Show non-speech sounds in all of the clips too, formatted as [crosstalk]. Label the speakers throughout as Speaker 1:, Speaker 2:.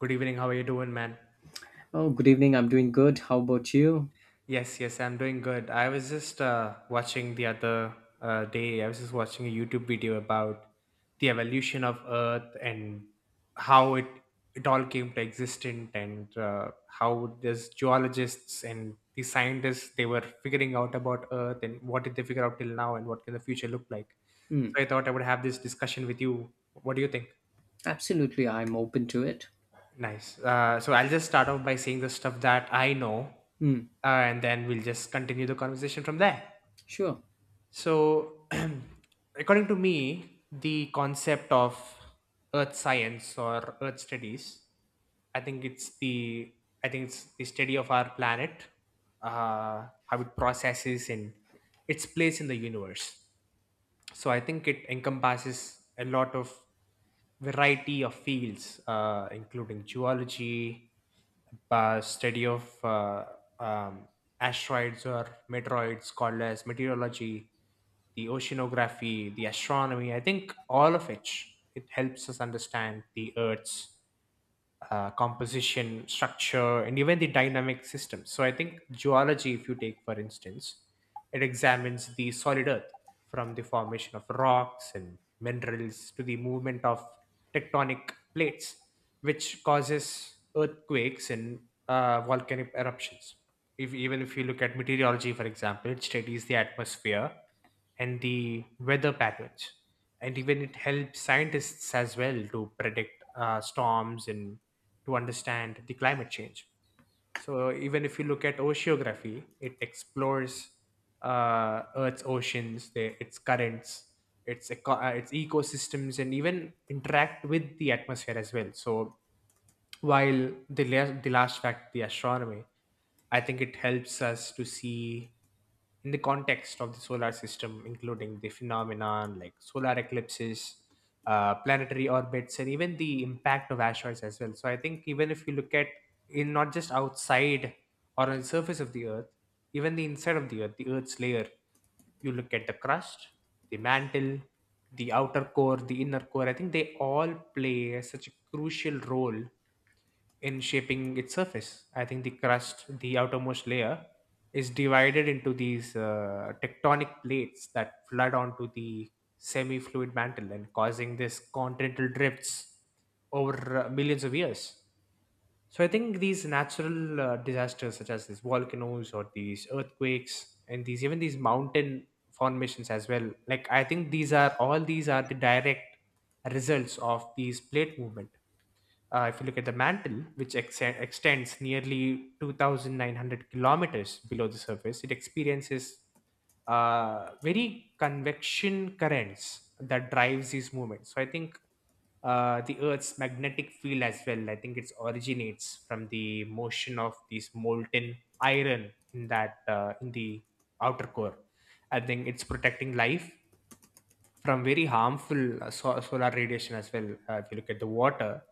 Speaker 1: Good evening. How are you doing, man?
Speaker 2: Oh, good evening. I'm doing good. How about you?
Speaker 1: Yes, yes, I'm doing good. I was just watching the other day, I was just watching a YouTube video about the evolution of Earth and how it all came to existent and how there's geologists and the scientists they were figuring out about Earth and what did they figure out till now and what can the future look like.
Speaker 2: Hmm.
Speaker 1: So I thought I would have this discussion with you. What do you think?
Speaker 2: Absolutely, I'm open to it.
Speaker 1: Nice. So I'll just start off by saying the stuff that I know,
Speaker 2: Hmm.
Speaker 1: and then we'll just continue the conversation from there.
Speaker 2: Sure.
Speaker 1: So, [clears throat] according to me, the concept of earth science or earth studies, I think it's the I think it's the study of our planet, how it processes and its place in the universe. So I think it encompasses a lot of variety of fields, including geology, study of um, asteroids or meteoroids called as meteorology, the oceanography, the astronomy. I think all of it, it helps us understand the earth's composition, structure, and even the dynamic system. So I think geology, if you take for instance, it examines the solid earth from the formation of rocks and minerals to the movement of tectonic plates, which causes earthquakes and volcanic eruptions. If, Even if you look at meteorology, for example, it studies the atmosphere and the weather patterns. And even it helps scientists as well to predict storms and to understand the climate change. So even if you look at oceanography, it explores Earth's oceans, their, its currents, its ecosystems, and even interact with the atmosphere as well. So while the last fact, the astronomy, I think it helps us to see in the context of the solar system, including the phenomenon like solar eclipses, planetary orbits, and even the impact of asteroids as well. So I think even if you look at, in not just outside or on the surface of the Earth, even the inside of the Earth, the Earth's layer, you look at the crust, the mantle, the outer core, the inner core. I think they all play such a crucial role in shaping its surface. I think the crust, the outermost layer, is divided into these tectonic plates that flood onto the semi fluid mantle and causing this continental drifts over millions of years. So I think these natural disasters, such as these volcanoes or these earthquakes, and these even these mountain formations as well, like I think these are the direct results of these plate movement. If you look at the mantle, which extends nearly 2,900 kilometers below the surface, it experiences very convection currents that drives these movements. So I think the earth's magnetic field as well, I think it originates from the motion of these molten iron in that in the outer core. I think it's protecting life from very harmful solar radiation as well. If you look at the water,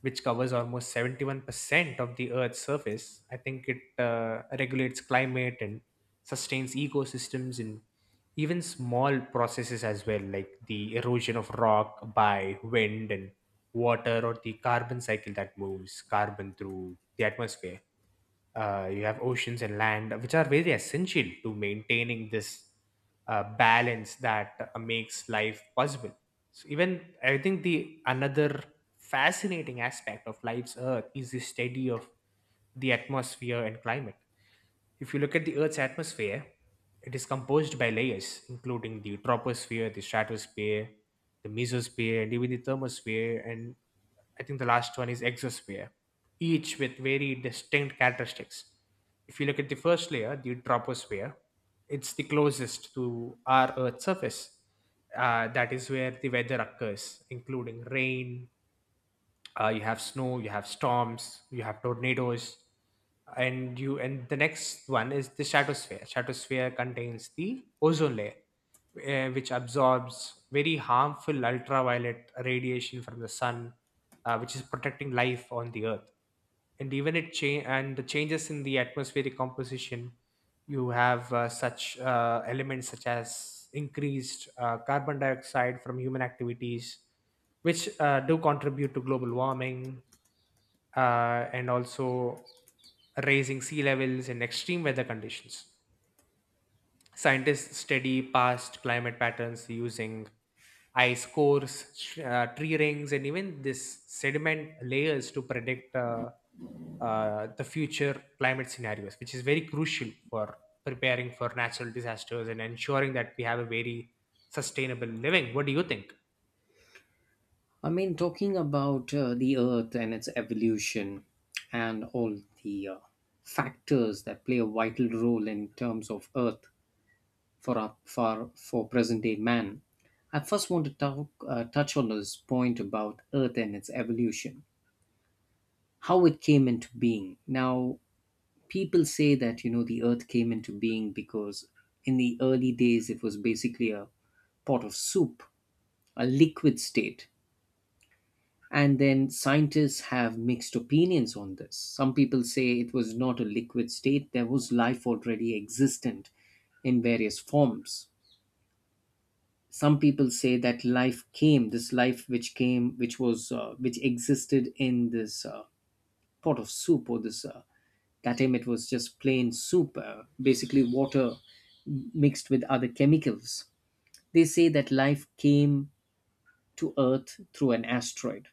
Speaker 1: which covers almost 71% of the Earth's surface, I think it regulates climate and sustains ecosystems and even small processes as well, like the erosion of rock by wind and water, or the carbon cycle that moves carbon through the atmosphere. You have oceans and land which are very essential to maintaining this balance that makes life possible. So even I think the another fascinating aspect of life's earth is the study of the atmosphere and climate. If you look at the Earth's atmosphere, it is composed by layers, including the troposphere, the stratosphere, the mesosphere, and even the thermosphere. And I think the last one is exosphere, each with very distinct characteristics. If you look at the first layer, the troposphere, it's the closest to our Earth's surface. That is where the weather occurs, including rain, you have snow, you have storms, you have tornadoes, and the next one is the stratosphere. Stratosphere contains the ozone layer, which absorbs very harmful ultraviolet radiation from the sun, which is protecting life on the earth. And the changes in the atmospheric composition, you have such elements such as increased carbon dioxide from human activities, which do contribute to global warming, and also raising sea levels and extreme weather conditions. Scientists study past climate patterns using ice cores, tree rings, and even this sediment layers to predict the future climate scenarios, which is very crucial for preparing for natural disasters and ensuring that we have a very sustainable living. What do you think?
Speaker 2: I mean, talking about the Earth and its evolution and all the factors that play a vital role in terms of Earth for our, for present day man. I first want to talk touch on this point about Earth and its evolution, how it came into being. Now, people say that the earth came into being because in the early days it was basically a pot of soup, a liquid state. And then scientists have mixed opinions on this. Some people say it was not a liquid state, there was life already existent in various forms. Some people say that life came this life which came which was which existed in this pot of soup, or this that time it was just plain soup, basically water mixed with other chemicals. They say that life came to Earth through an asteroid.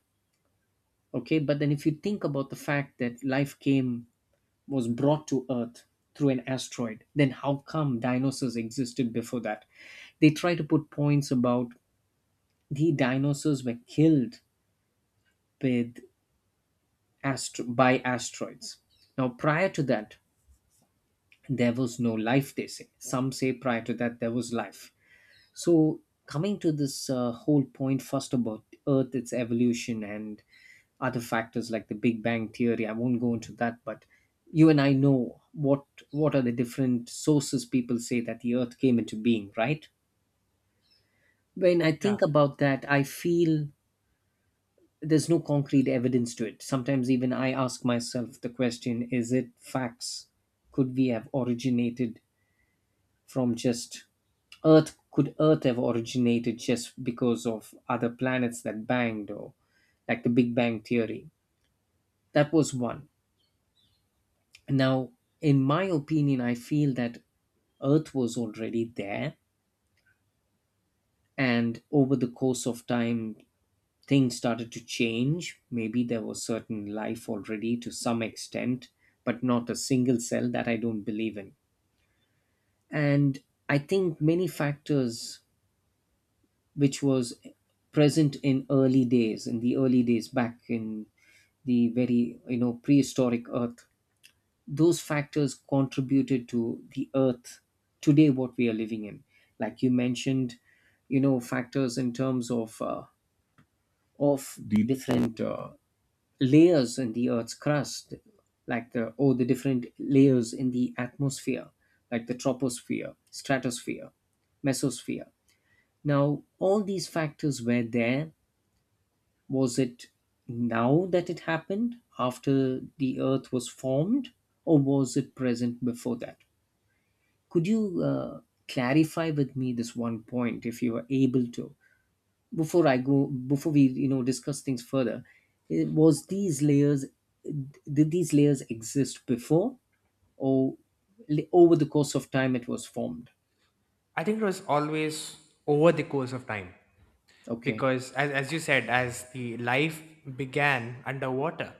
Speaker 2: Okay, but then if you think about the fact that life came, was brought to Earth through an asteroid, then how come dinosaurs existed before that? They try to put points about the dinosaurs were killed with by asteroids. Now, prior to that, there was no life, they say. Some say prior to that there was life. So, coming to this whole point first about Earth, its evolution, and other factors like the Big Bang theory, I won't go into that, but you and I know what are the different sources people say that the Earth came into being, right? When I
Speaker 1: Yeah,
Speaker 2: think about that, I feel there's no concrete evidence to it. Sometimes even I ask myself the question: is it facts? Could we have originated from just Earth? Could Earth have originated just because of other planets that banged, or like the Big Bang theory? That was one. Now, in my opinion, I feel that Earth was already there, and over the course of time, things started to change. Maybe there was certain life already to some extent, but not a single cell, that I don't believe in. And I think many factors which was present in the early days back in the very prehistoric earth, those factors contributed to the earth today, what we are living in. Like you mentioned, factors in terms of of the different layers in the earth's crust, like the or the different layers in the atmosphere like the troposphere, stratosphere, mesosphere. Now all these factors were there. Was it now that it happened, after the earth was formed, or was it present before that? Could you clarify with me this one point if you are able to? Before I go, before we discuss things further, was these layers did these layers exist before, or over the course of time it was formed?
Speaker 1: I think it was always over the course of time
Speaker 2: Okay.
Speaker 1: because, as you said, as the life began underwater,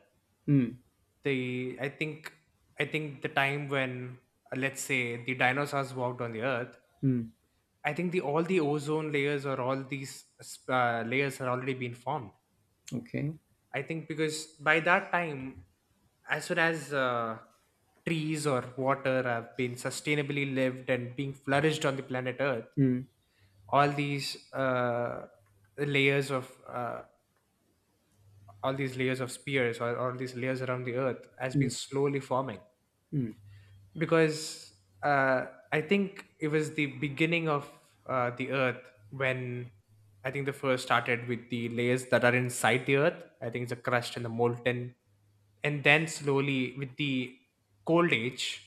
Speaker 2: Mm,
Speaker 1: the I think the time when, let's say, the dinosaurs walked on the earth,
Speaker 2: mm,
Speaker 1: I think the all the ozone layers or all these layers had already been formed.
Speaker 2: okay.
Speaker 1: I think because by that time, as soon as trees or water have been sustainably lived and being flourished on the planet Earth,
Speaker 2: Mm,
Speaker 1: all these layers of all these layers of spheres or all these layers around the Earth has been
Speaker 2: mm,
Speaker 1: slowly forming.
Speaker 2: mm,
Speaker 1: Because uh, I think it was the beginning of the Earth when, I think the first started with the layers that are inside the Earth. I think it's the crust and the molten, and then slowly with the cold age,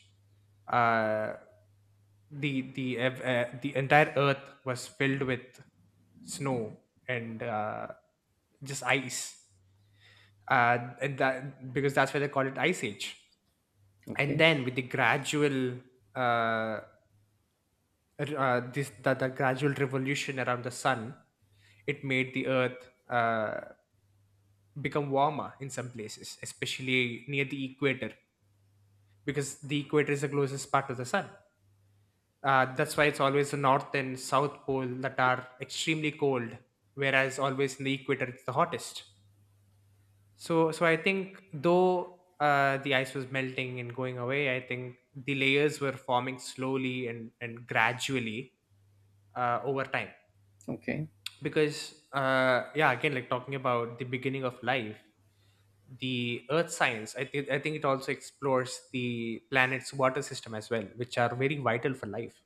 Speaker 1: uh, the the entire Earth was filled with snow and just ice, and that because that's why they call it Ice Age. And
Speaker 2: okay.
Speaker 1: then with the gradual uh, the gradual revolution around the sun, it made the earth become warmer in some places, especially near the equator, because the equator is the closest part of the sun. That's why it's always the north and south pole that are extremely cold, whereas always in the equator it's the hottest. So I think though the ice was melting and going away, I think the layers were forming slowly and gradually over time.
Speaker 2: Okay.
Speaker 1: Because yeah, again, like talking about the beginning of life, the Earth science, I think it also explores the planet's water system as well, which are very vital for life.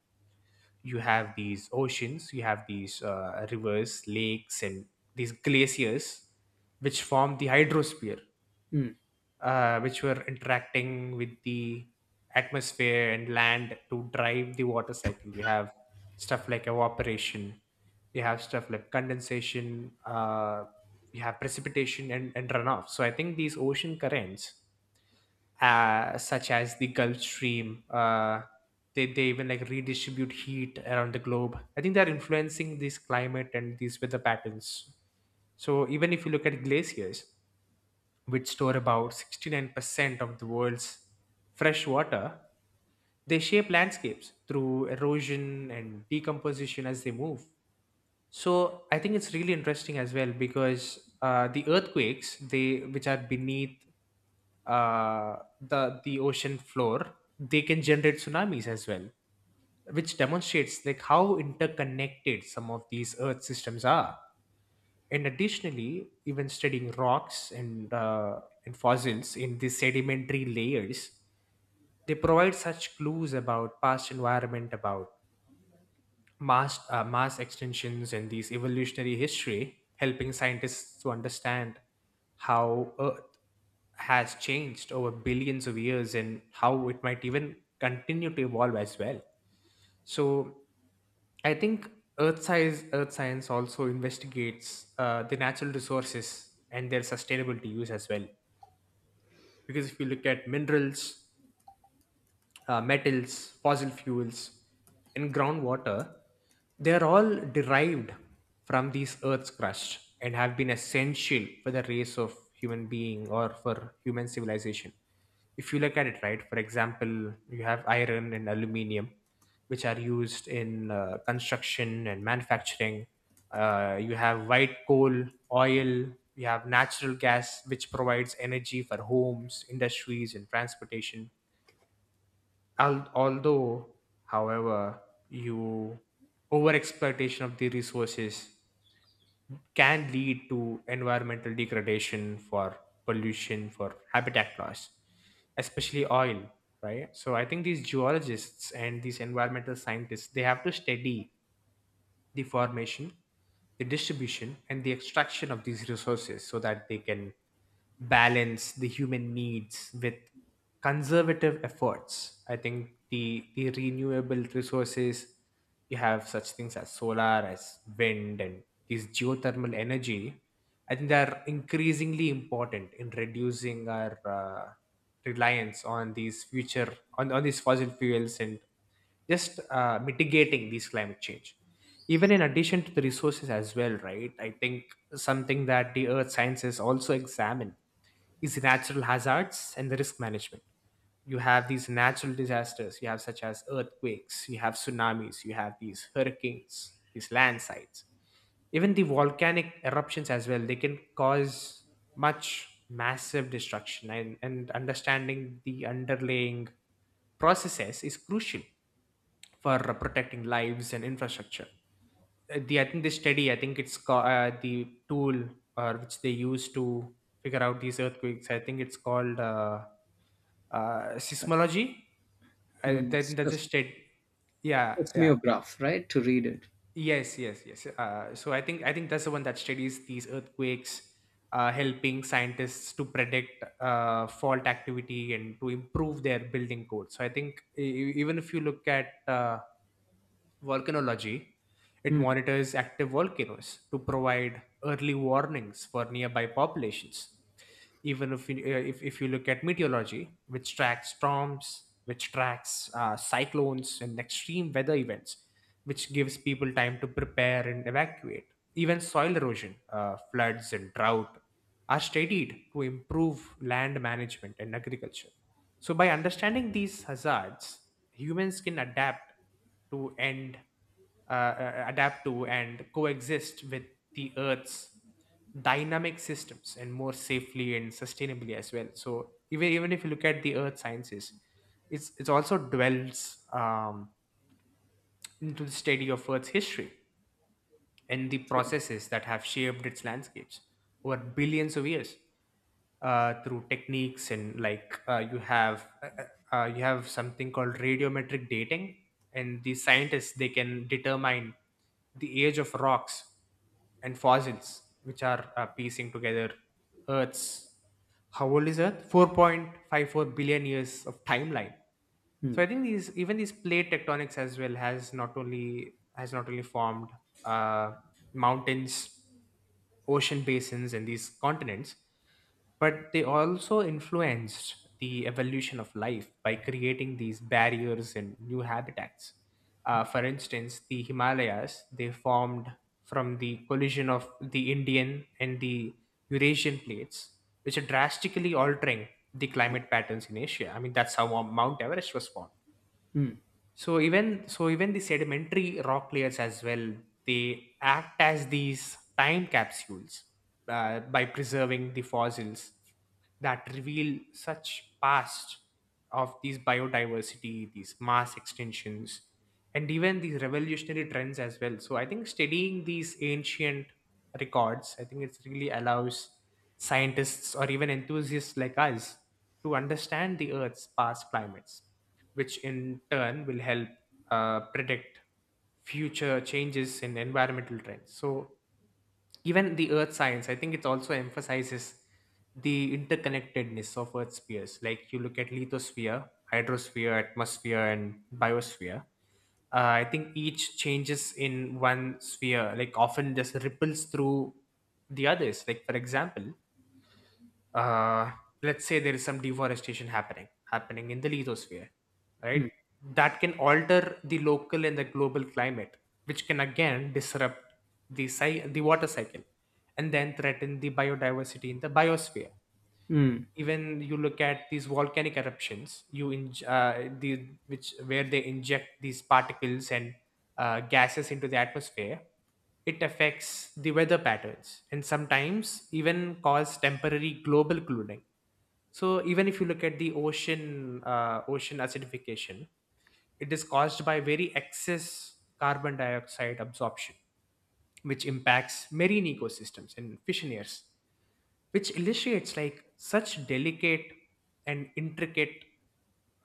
Speaker 1: You have these oceans, you have these rivers, lakes, and these glaciers, which form the hydrosphere,
Speaker 2: Mm,
Speaker 1: which were interacting with the atmosphere and land to drive the water cycle. We have stuff like evaporation, we have stuff like condensation, we have precipitation and, runoff. So I think these ocean currents, such as the Gulf Stream, they even like redistribute heat around the globe. I think they're influencing this climate and these weather patterns. So even if you look at glaciers, which store about 69% of the world's fresh water, they shape landscapes through erosion and decomposition as they move. So I think it's really interesting as well because the earthquakes, they which are beneath the ocean floor, they can generate tsunamis as well, which demonstrates like how interconnected some of these earth systems are. And additionally, even studying rocks and fossils in the sedimentary layers, they provide such clues about past environment, about mass extinctions and these evolutionary history, helping scientists to understand how Earth has changed over billions of years and how it might even continue to evolve as well. So I think earth science also investigates the natural resources and their sustainability use as well. Because if you look at minerals, metals, fossil fuels, and groundwater, they are all derived from these earth's crust and have been essential for the race of human being or for human civilization. If you look at it, right, for example, you have iron and aluminium, which are used in construction and manufacturing. You have white coal, oil, you have natural gas, which provides energy for homes, industries, and transportation. Al- although however you over exploitation of the resources can lead to environmental degradation, for pollution, for habitat loss, especially oil, right? So I think these geologists and these environmental scientists, they have to study the formation, the distribution, and the extraction of these resources so that they can balance the human needs with conservative efforts. I think the renewable resources, you have such things as solar, as wind, and these geothermal energy, I think they are increasingly important in reducing our reliance on on these fossil fuels and just mitigating these climate change. Even in addition to the resources as well, right? I think something that the earth sciences also examine is natural hazards and the risk management. You have these natural disasters, you have such as earthquakes, you have tsunamis, you have these hurricanes, these landslides, even the volcanic eruptions as well. They can cause much massive destruction, and understanding the underlying processes is crucial for protecting lives and infrastructure. The I think this study, I think it's called the tool, or which they use to figure out these earthquakes, I think it's called
Speaker 2: right.
Speaker 1: seismology. I,
Speaker 2: Mm.
Speaker 1: that, that's a state. Yeah, yeah.
Speaker 2: Seismograph, right? To read it.
Speaker 1: Yes, yes, yes. So I think that's the one that studies these earthquakes, helping scientists to predict fault activity and to improve their building code. So I think even if you look at volcanology. It
Speaker 2: Mm,
Speaker 1: monitors active volcanoes to provide early warnings for nearby populations. Even if you, if you look at meteorology, which tracks storms, which tracks cyclones and extreme weather events, which gives people time to prepare and evacuate. Even soil erosion, floods, and drought are studied to improve land management and agriculture. So, by understanding these hazards, humans can adapt to, and adapt to and coexist with the Earth's dynamic systems and more safely and sustainably as well. So, even if you look at the Earth sciences, it's also dwells into the study of Earth's history and the
Speaker 2: true.
Speaker 1: processes that have shaped its landscapes over billions of years, through techniques and like you have something called radiometric dating, and the scientists they can determine the age of rocks and fossils, which are piecing together Earth's, how old is Earth, 4.54 billion years of timeline. So I think these, even these plate tectonics as well, has not only formed uh, mountains, ocean basins, and these continents, but they also influenced the evolution of life by creating these barriers and new habitats. For instance, the Himalayas, they formed from the collision of the Indian and the Eurasian plates, which are drastically altering the climate patterns in Asia. I mean, that's how Mount Everest was formed.
Speaker 2: Hmm.
Speaker 1: So even the sedimentary rock layers as well, they act as these time capsules, by preserving the fossils that reveal such past of these biodiversity, these mass extinctions, and even these revolutionary trends as well. So I think studying these ancient records, I think it really allows scientists or even enthusiasts like us to understand the Earth's past climates, which in turn will help predict future changes in environmental trends. So, even the earth science, I think it also emphasizes the interconnectedness of earth spheres. Like you look at lithosphere, hydrosphere, atmosphere, and biosphere. I think each changes in one sphere, like often just ripples through the others. Like, for example, uh, let's say there is some deforestation happening happening in the lithosphere, right?
Speaker 2: Hmm.
Speaker 1: That can alter the local and the global climate, which can again disrupt the water cycle and then threaten the biodiversity in the biosphere.
Speaker 2: Hmm.
Speaker 1: Even you look at these volcanic eruptions, you in the which where they inject these particles and gases into the atmosphere, it affects the weather patterns and sometimes even cause temporary global cooling. So even if you look at the ocean, ocean acidification, it is caused by very excess carbon dioxide absorption, which impacts marine ecosystems and fishing, which illustrates like such delicate and intricate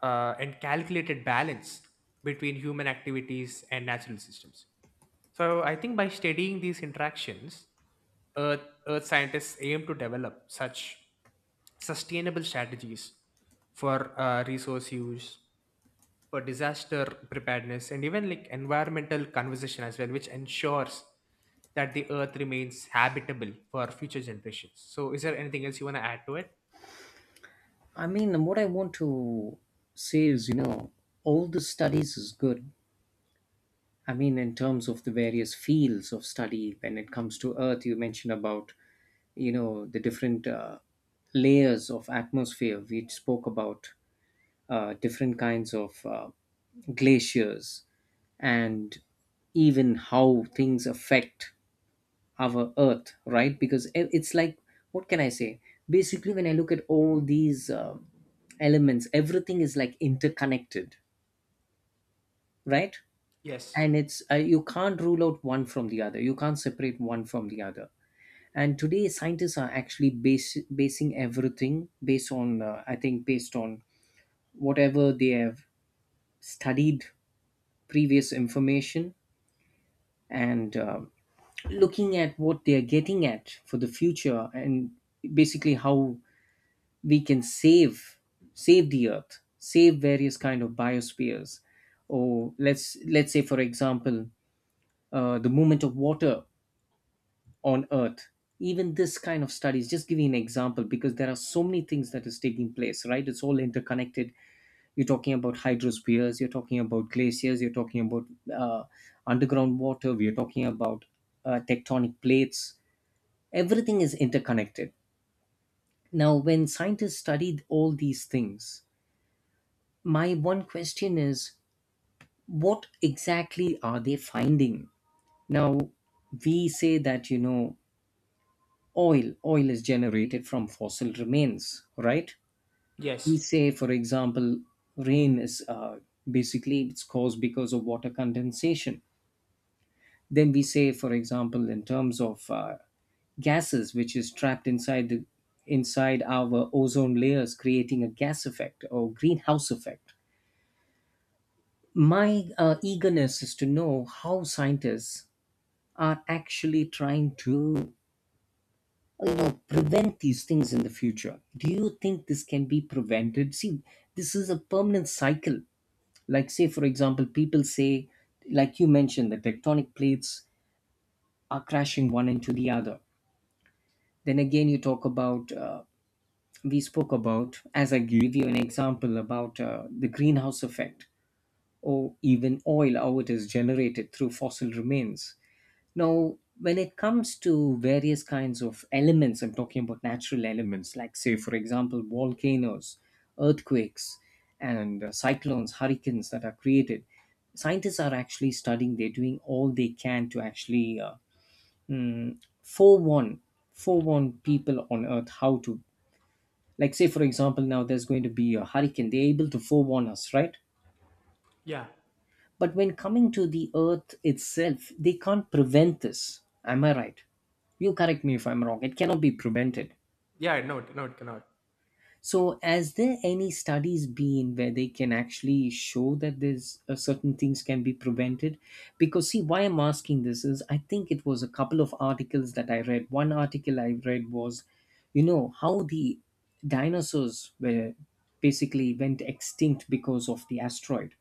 Speaker 1: and calculated balance between human activities and natural systems. So I think by studying these interactions, Earth, Earth scientists aim to develop such sustainable strategies for resource use, for disaster preparedness, and even like environmental conservation as well, which ensures that the earth remains habitable for future generations. So is there anything else you want to add to it?
Speaker 2: I mean, what I want to say is, all the studies is good. I mean, in terms of the various fields of study, when it comes to Earth, you mentioned about, the different layers of atmosphere. We spoke about different kinds of glaciers, and even how things affect our earth, right? Because it's like, what can I say? Basically, when I look at all these elements, everything is like interconnected, right?
Speaker 1: Yes.
Speaker 2: And it's, you can't rule out one from the other, you can't separate one from the other. And today scientists are actually basing everything based on, I think, based on whatever they have studied, previous information. And looking at what they are getting at for the future, and basically how we can save the earth, save various kind of biospheres. Or let's say, for example, the movement of water on earth. Even this kind of studies, just giving an example, because there are so many things that is taking place, right? It's all interconnected. You're talking about hydrospheres, you're talking about glaciers, you're talking about uh, underground water, we're talking about tectonic plates. Everything is interconnected. Now when scientists studied all these things, my one question is, what exactly are they finding? Now, we say that, oil is generated from fossil remains, right? We
Speaker 1: Yes.
Speaker 2: say, for example, rain is, basically it's caused because of water condensation. Then we say, for example, in terms of gases which is trapped inside the inside our ozone layers, creating a gas effect or greenhouse effect. My eagerness is to know how scientists are actually trying to, prevent these things in the future. Do you think this can be prevented? See, this is a permanent cycle. Like, say for example, people say, like you mentioned, the tectonic plates are crashing one into the other. Then again you talk about, we spoke about, as I gave you an example about, the greenhouse effect, or even oil, how it is generated through fossil remains. Now, when it comes to various kinds of elements, I'm talking about natural elements, like, say, for example, volcanoes, earthquakes, and cyclones, hurricanes, that are created. Scientists are actually studying, they're doing all they can to actually, mm, forewarn, forewarn people on Earth how to, like, say, for example, now there's going to be a hurricane. They're able to forewarn us, right?
Speaker 1: Yeah.
Speaker 2: But when coming to the earth itself, they can't prevent this. Am I right? You correct me if I'm wrong. It cannot be prevented.
Speaker 1: Yeah, no, no, it cannot.
Speaker 2: So, has there any studies been where they can actually show that there's certain things can be prevented? Because see, why I'm asking this is, I think it was a couple of articles that I read. One article I read was, how the dinosaurs were basically went extinct because of the asteroid.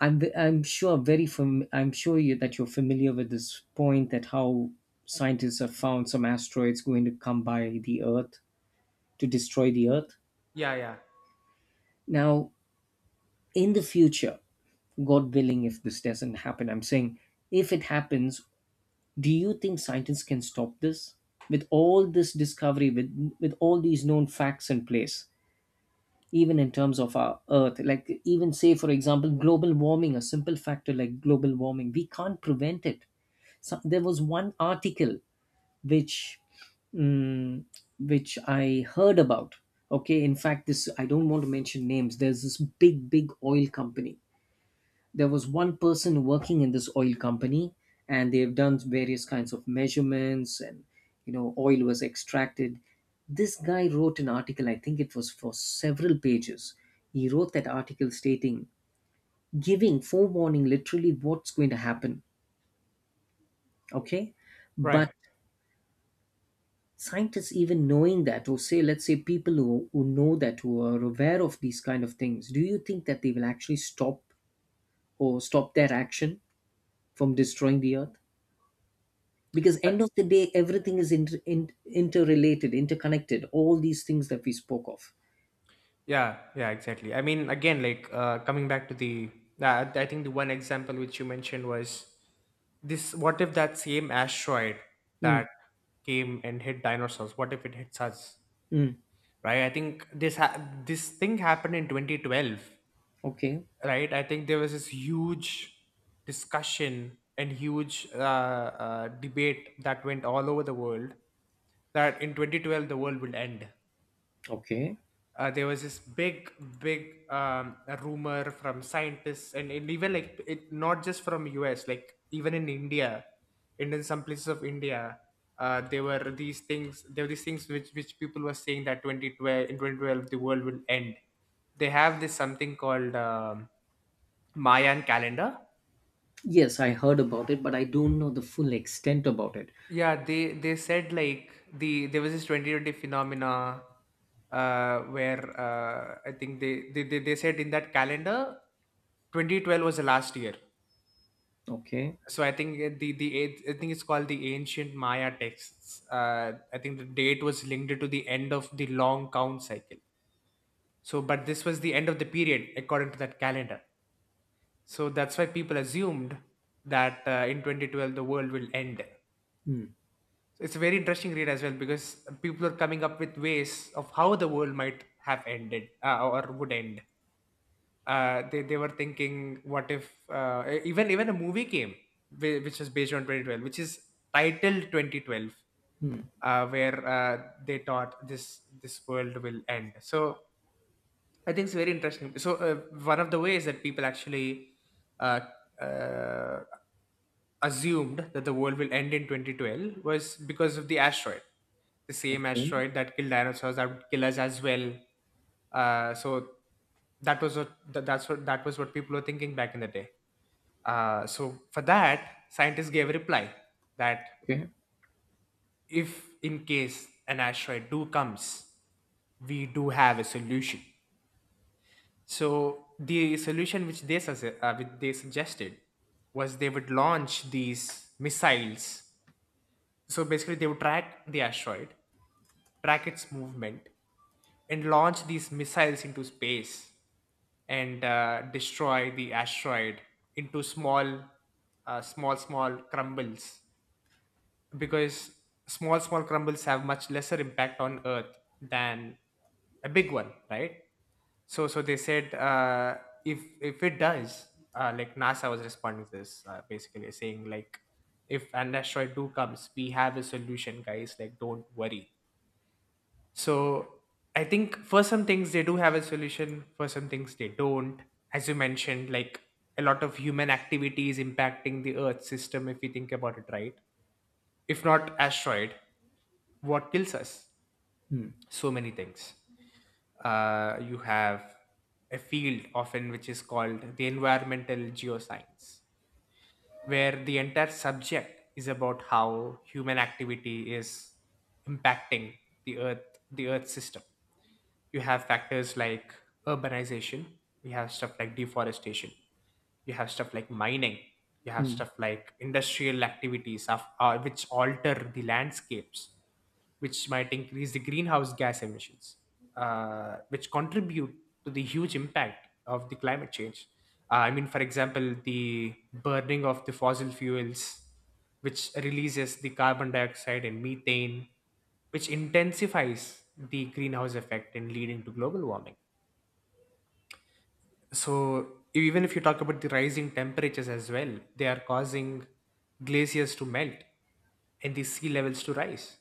Speaker 2: I'm sure you, that you're familiar with this point, that how scientists have found some asteroids going to come by the Earth to destroy the Earth.
Speaker 1: Yeah. Yeah.
Speaker 2: Now, in the future, God willing, if this doesn't happen, I'm saying if it happens, do you think scientists can stop this? With all this discovery, with all these known facts in place, even in terms of our earth, like, even say for example global warming, a simple factor like global warming, we can't prevent it. So there was one article which mm, which I heard about. Okay, in fact, this I don't want to mention names. There's this big big oil company. There was one person working in this oil company, and they've done various kinds of measurements and, oil was extracted. This guy wrote an article, I think it was for several pages. He wrote that article stating, giving forewarning, literally what's going to happen. Okay, but
Speaker 1: Right.
Speaker 2: scientists, even knowing that, or say let's say people who know that, who are aware of these kind of things, do you think that they will actually stop their action from destroying the earth? Because
Speaker 1: Uh,
Speaker 2: end of the day, everything is interrelated, interconnected, all these things that we spoke of.
Speaker 1: yeah exactly. I mean, again, like coming back to the I think the one example which you mentioned was this, what if that same asteroid
Speaker 2: Mm.
Speaker 1: that came and hit dinosaurs, what if it hits us,
Speaker 2: Mm.
Speaker 1: right? I think this thing happened in 2012,
Speaker 2: Okay.
Speaker 1: right? I think there was this huge discussion and huge debate that went all over the world, that in 2012 the world will end.
Speaker 2: Okay.
Speaker 1: Uh, there was this big big rumor from scientists, and even like it not just from us, like even in India, and in some places of India, there were these things, there were these things which people were saying that 2012 the world will end. They have this something called Mayan calendar.
Speaker 2: Yes, I heard about it, but I don't know the full extent about it.
Speaker 1: Yeah, they said like the there was this 2020 phenomena, where I think they said in that calendar 2012 was the last year.
Speaker 2: Okay.
Speaker 1: So I think the I think it's called the ancient Maya texts. Uh, I think the date was linked to the end of the long count cycle. So but this was the end of the period according to that calendar. So that's why people assumed that in 2012 the world will end.
Speaker 2: Mm.
Speaker 1: So it's a very interesting read as well, because people are coming up with ways of how the world might have ended, or would end. They were thinking, what if even a movie came which was based on 2012, which is titled 2012, where they thought this this world will end. So I think it's very interesting. So one of the ways that people actually uh, uh, assumed that the world will end in 2012 was because of the asteroid, the same
Speaker 2: Okay.
Speaker 1: asteroid that killed dinosaurs that would kill us as well. So that was what that's what that was what people were thinking back in the day. So for that, scientists gave a reply that,
Speaker 2: Okay.
Speaker 1: if in case an asteroid do comes, we do have a solution. So the solution which they, which they suggested, was they would launch these missiles. So basically, they would track the asteroid, track its movement, and launch these missiles into space and destroy the asteroid into small crumbles, because small, small crumbles have much lesser impact on Earth than a big one, right? So, so they said if it does, like NASA was responding to this, basically saying like, if an asteroid do comes, we have a solution, guys. Like, don't worry. So, I think for some things they do have a solution. For some things they don't. As you mentioned, like a lot of human activity is impacting the Earth system. If we think about it, right? If not asteroid, what kills us?
Speaker 2: Mm.
Speaker 1: So many things. Uh, you have a field often which is called the environmental geoscience, where the entire subject is about how human activity is impacting the earth, the earth system. You have factors like urbanization, you have stuff like deforestation, you have stuff like mining, you have
Speaker 2: Mm.
Speaker 1: stuff like industrial activities of, which alter the landscapes, which might increase the greenhouse gas emissions, which contribute to the huge impact of the climate change. I mean, for example, the burning of the fossil fuels, which releases the carbon dioxide and methane, which intensifies the greenhouse effect and leading to global warming. So even if you talk about the rising temperatures as well, they are causing glaciers to melt and the sea levels to rise,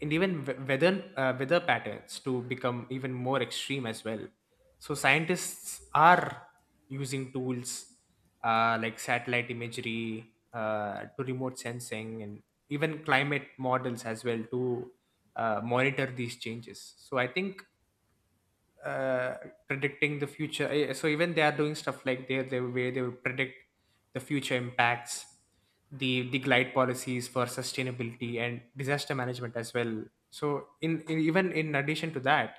Speaker 1: and even we- weather weather patterns to become even more extreme as well. So scientists are using tools like satellite imagery, to remote sensing, and even climate models as well to monitor these changes. So I think uh, predicting the future. So even they are doing stuff like they where they will predict the future impacts, the glide policies for sustainability and disaster management as well. So in even in addition to that,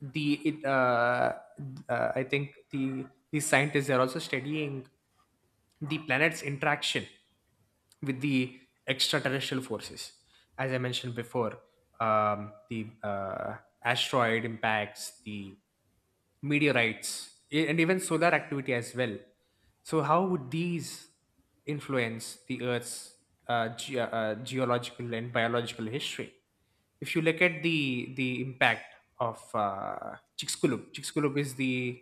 Speaker 1: the it, uh, I think these scientists are also studying the planet's interaction with the extraterrestrial forces, as I mentioned before. The asteroid impacts, the meteorites, and even solar activity as well. So, how would these influence the Earth's geological and biological history? If you look at the impact of Chicxulub. Chicxulub is the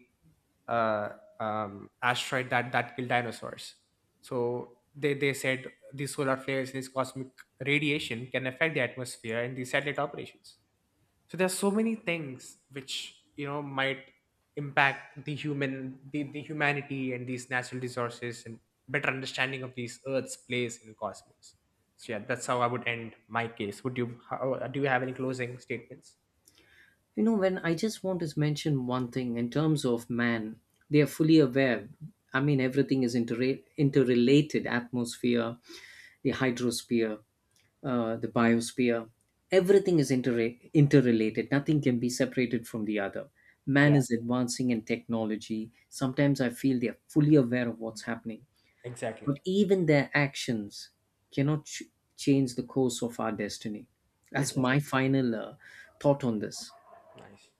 Speaker 1: uh, asteroid that that killed dinosaurs. So they said these solar flares, this cosmic radiation can affect the atmosphere and the satellite operations. So there's so many things which, you know, might impact the human, the humanity and these natural resources, and better understanding of these earth's place in the cosmos. So yeah, that's how I would end my case. Do you have any closing statements?
Speaker 2: When I just want to mention one thing, in terms of man, they are fully aware. I mean, everything is interrelated: atmosphere, the hydrosphere, the biosphere. Everything is interrelated, nothing can be separated from the other.
Speaker 1: Yeah,
Speaker 2: Man is advancing in technology. Sometimes I feel they are fully aware of what's happening,
Speaker 1: exactly.
Speaker 2: but even their actions cannot change the course of our destiny.
Speaker 1: It
Speaker 2: That's
Speaker 1: does
Speaker 2: my
Speaker 1: it.
Speaker 2: final thought on this.
Speaker 1: Nice.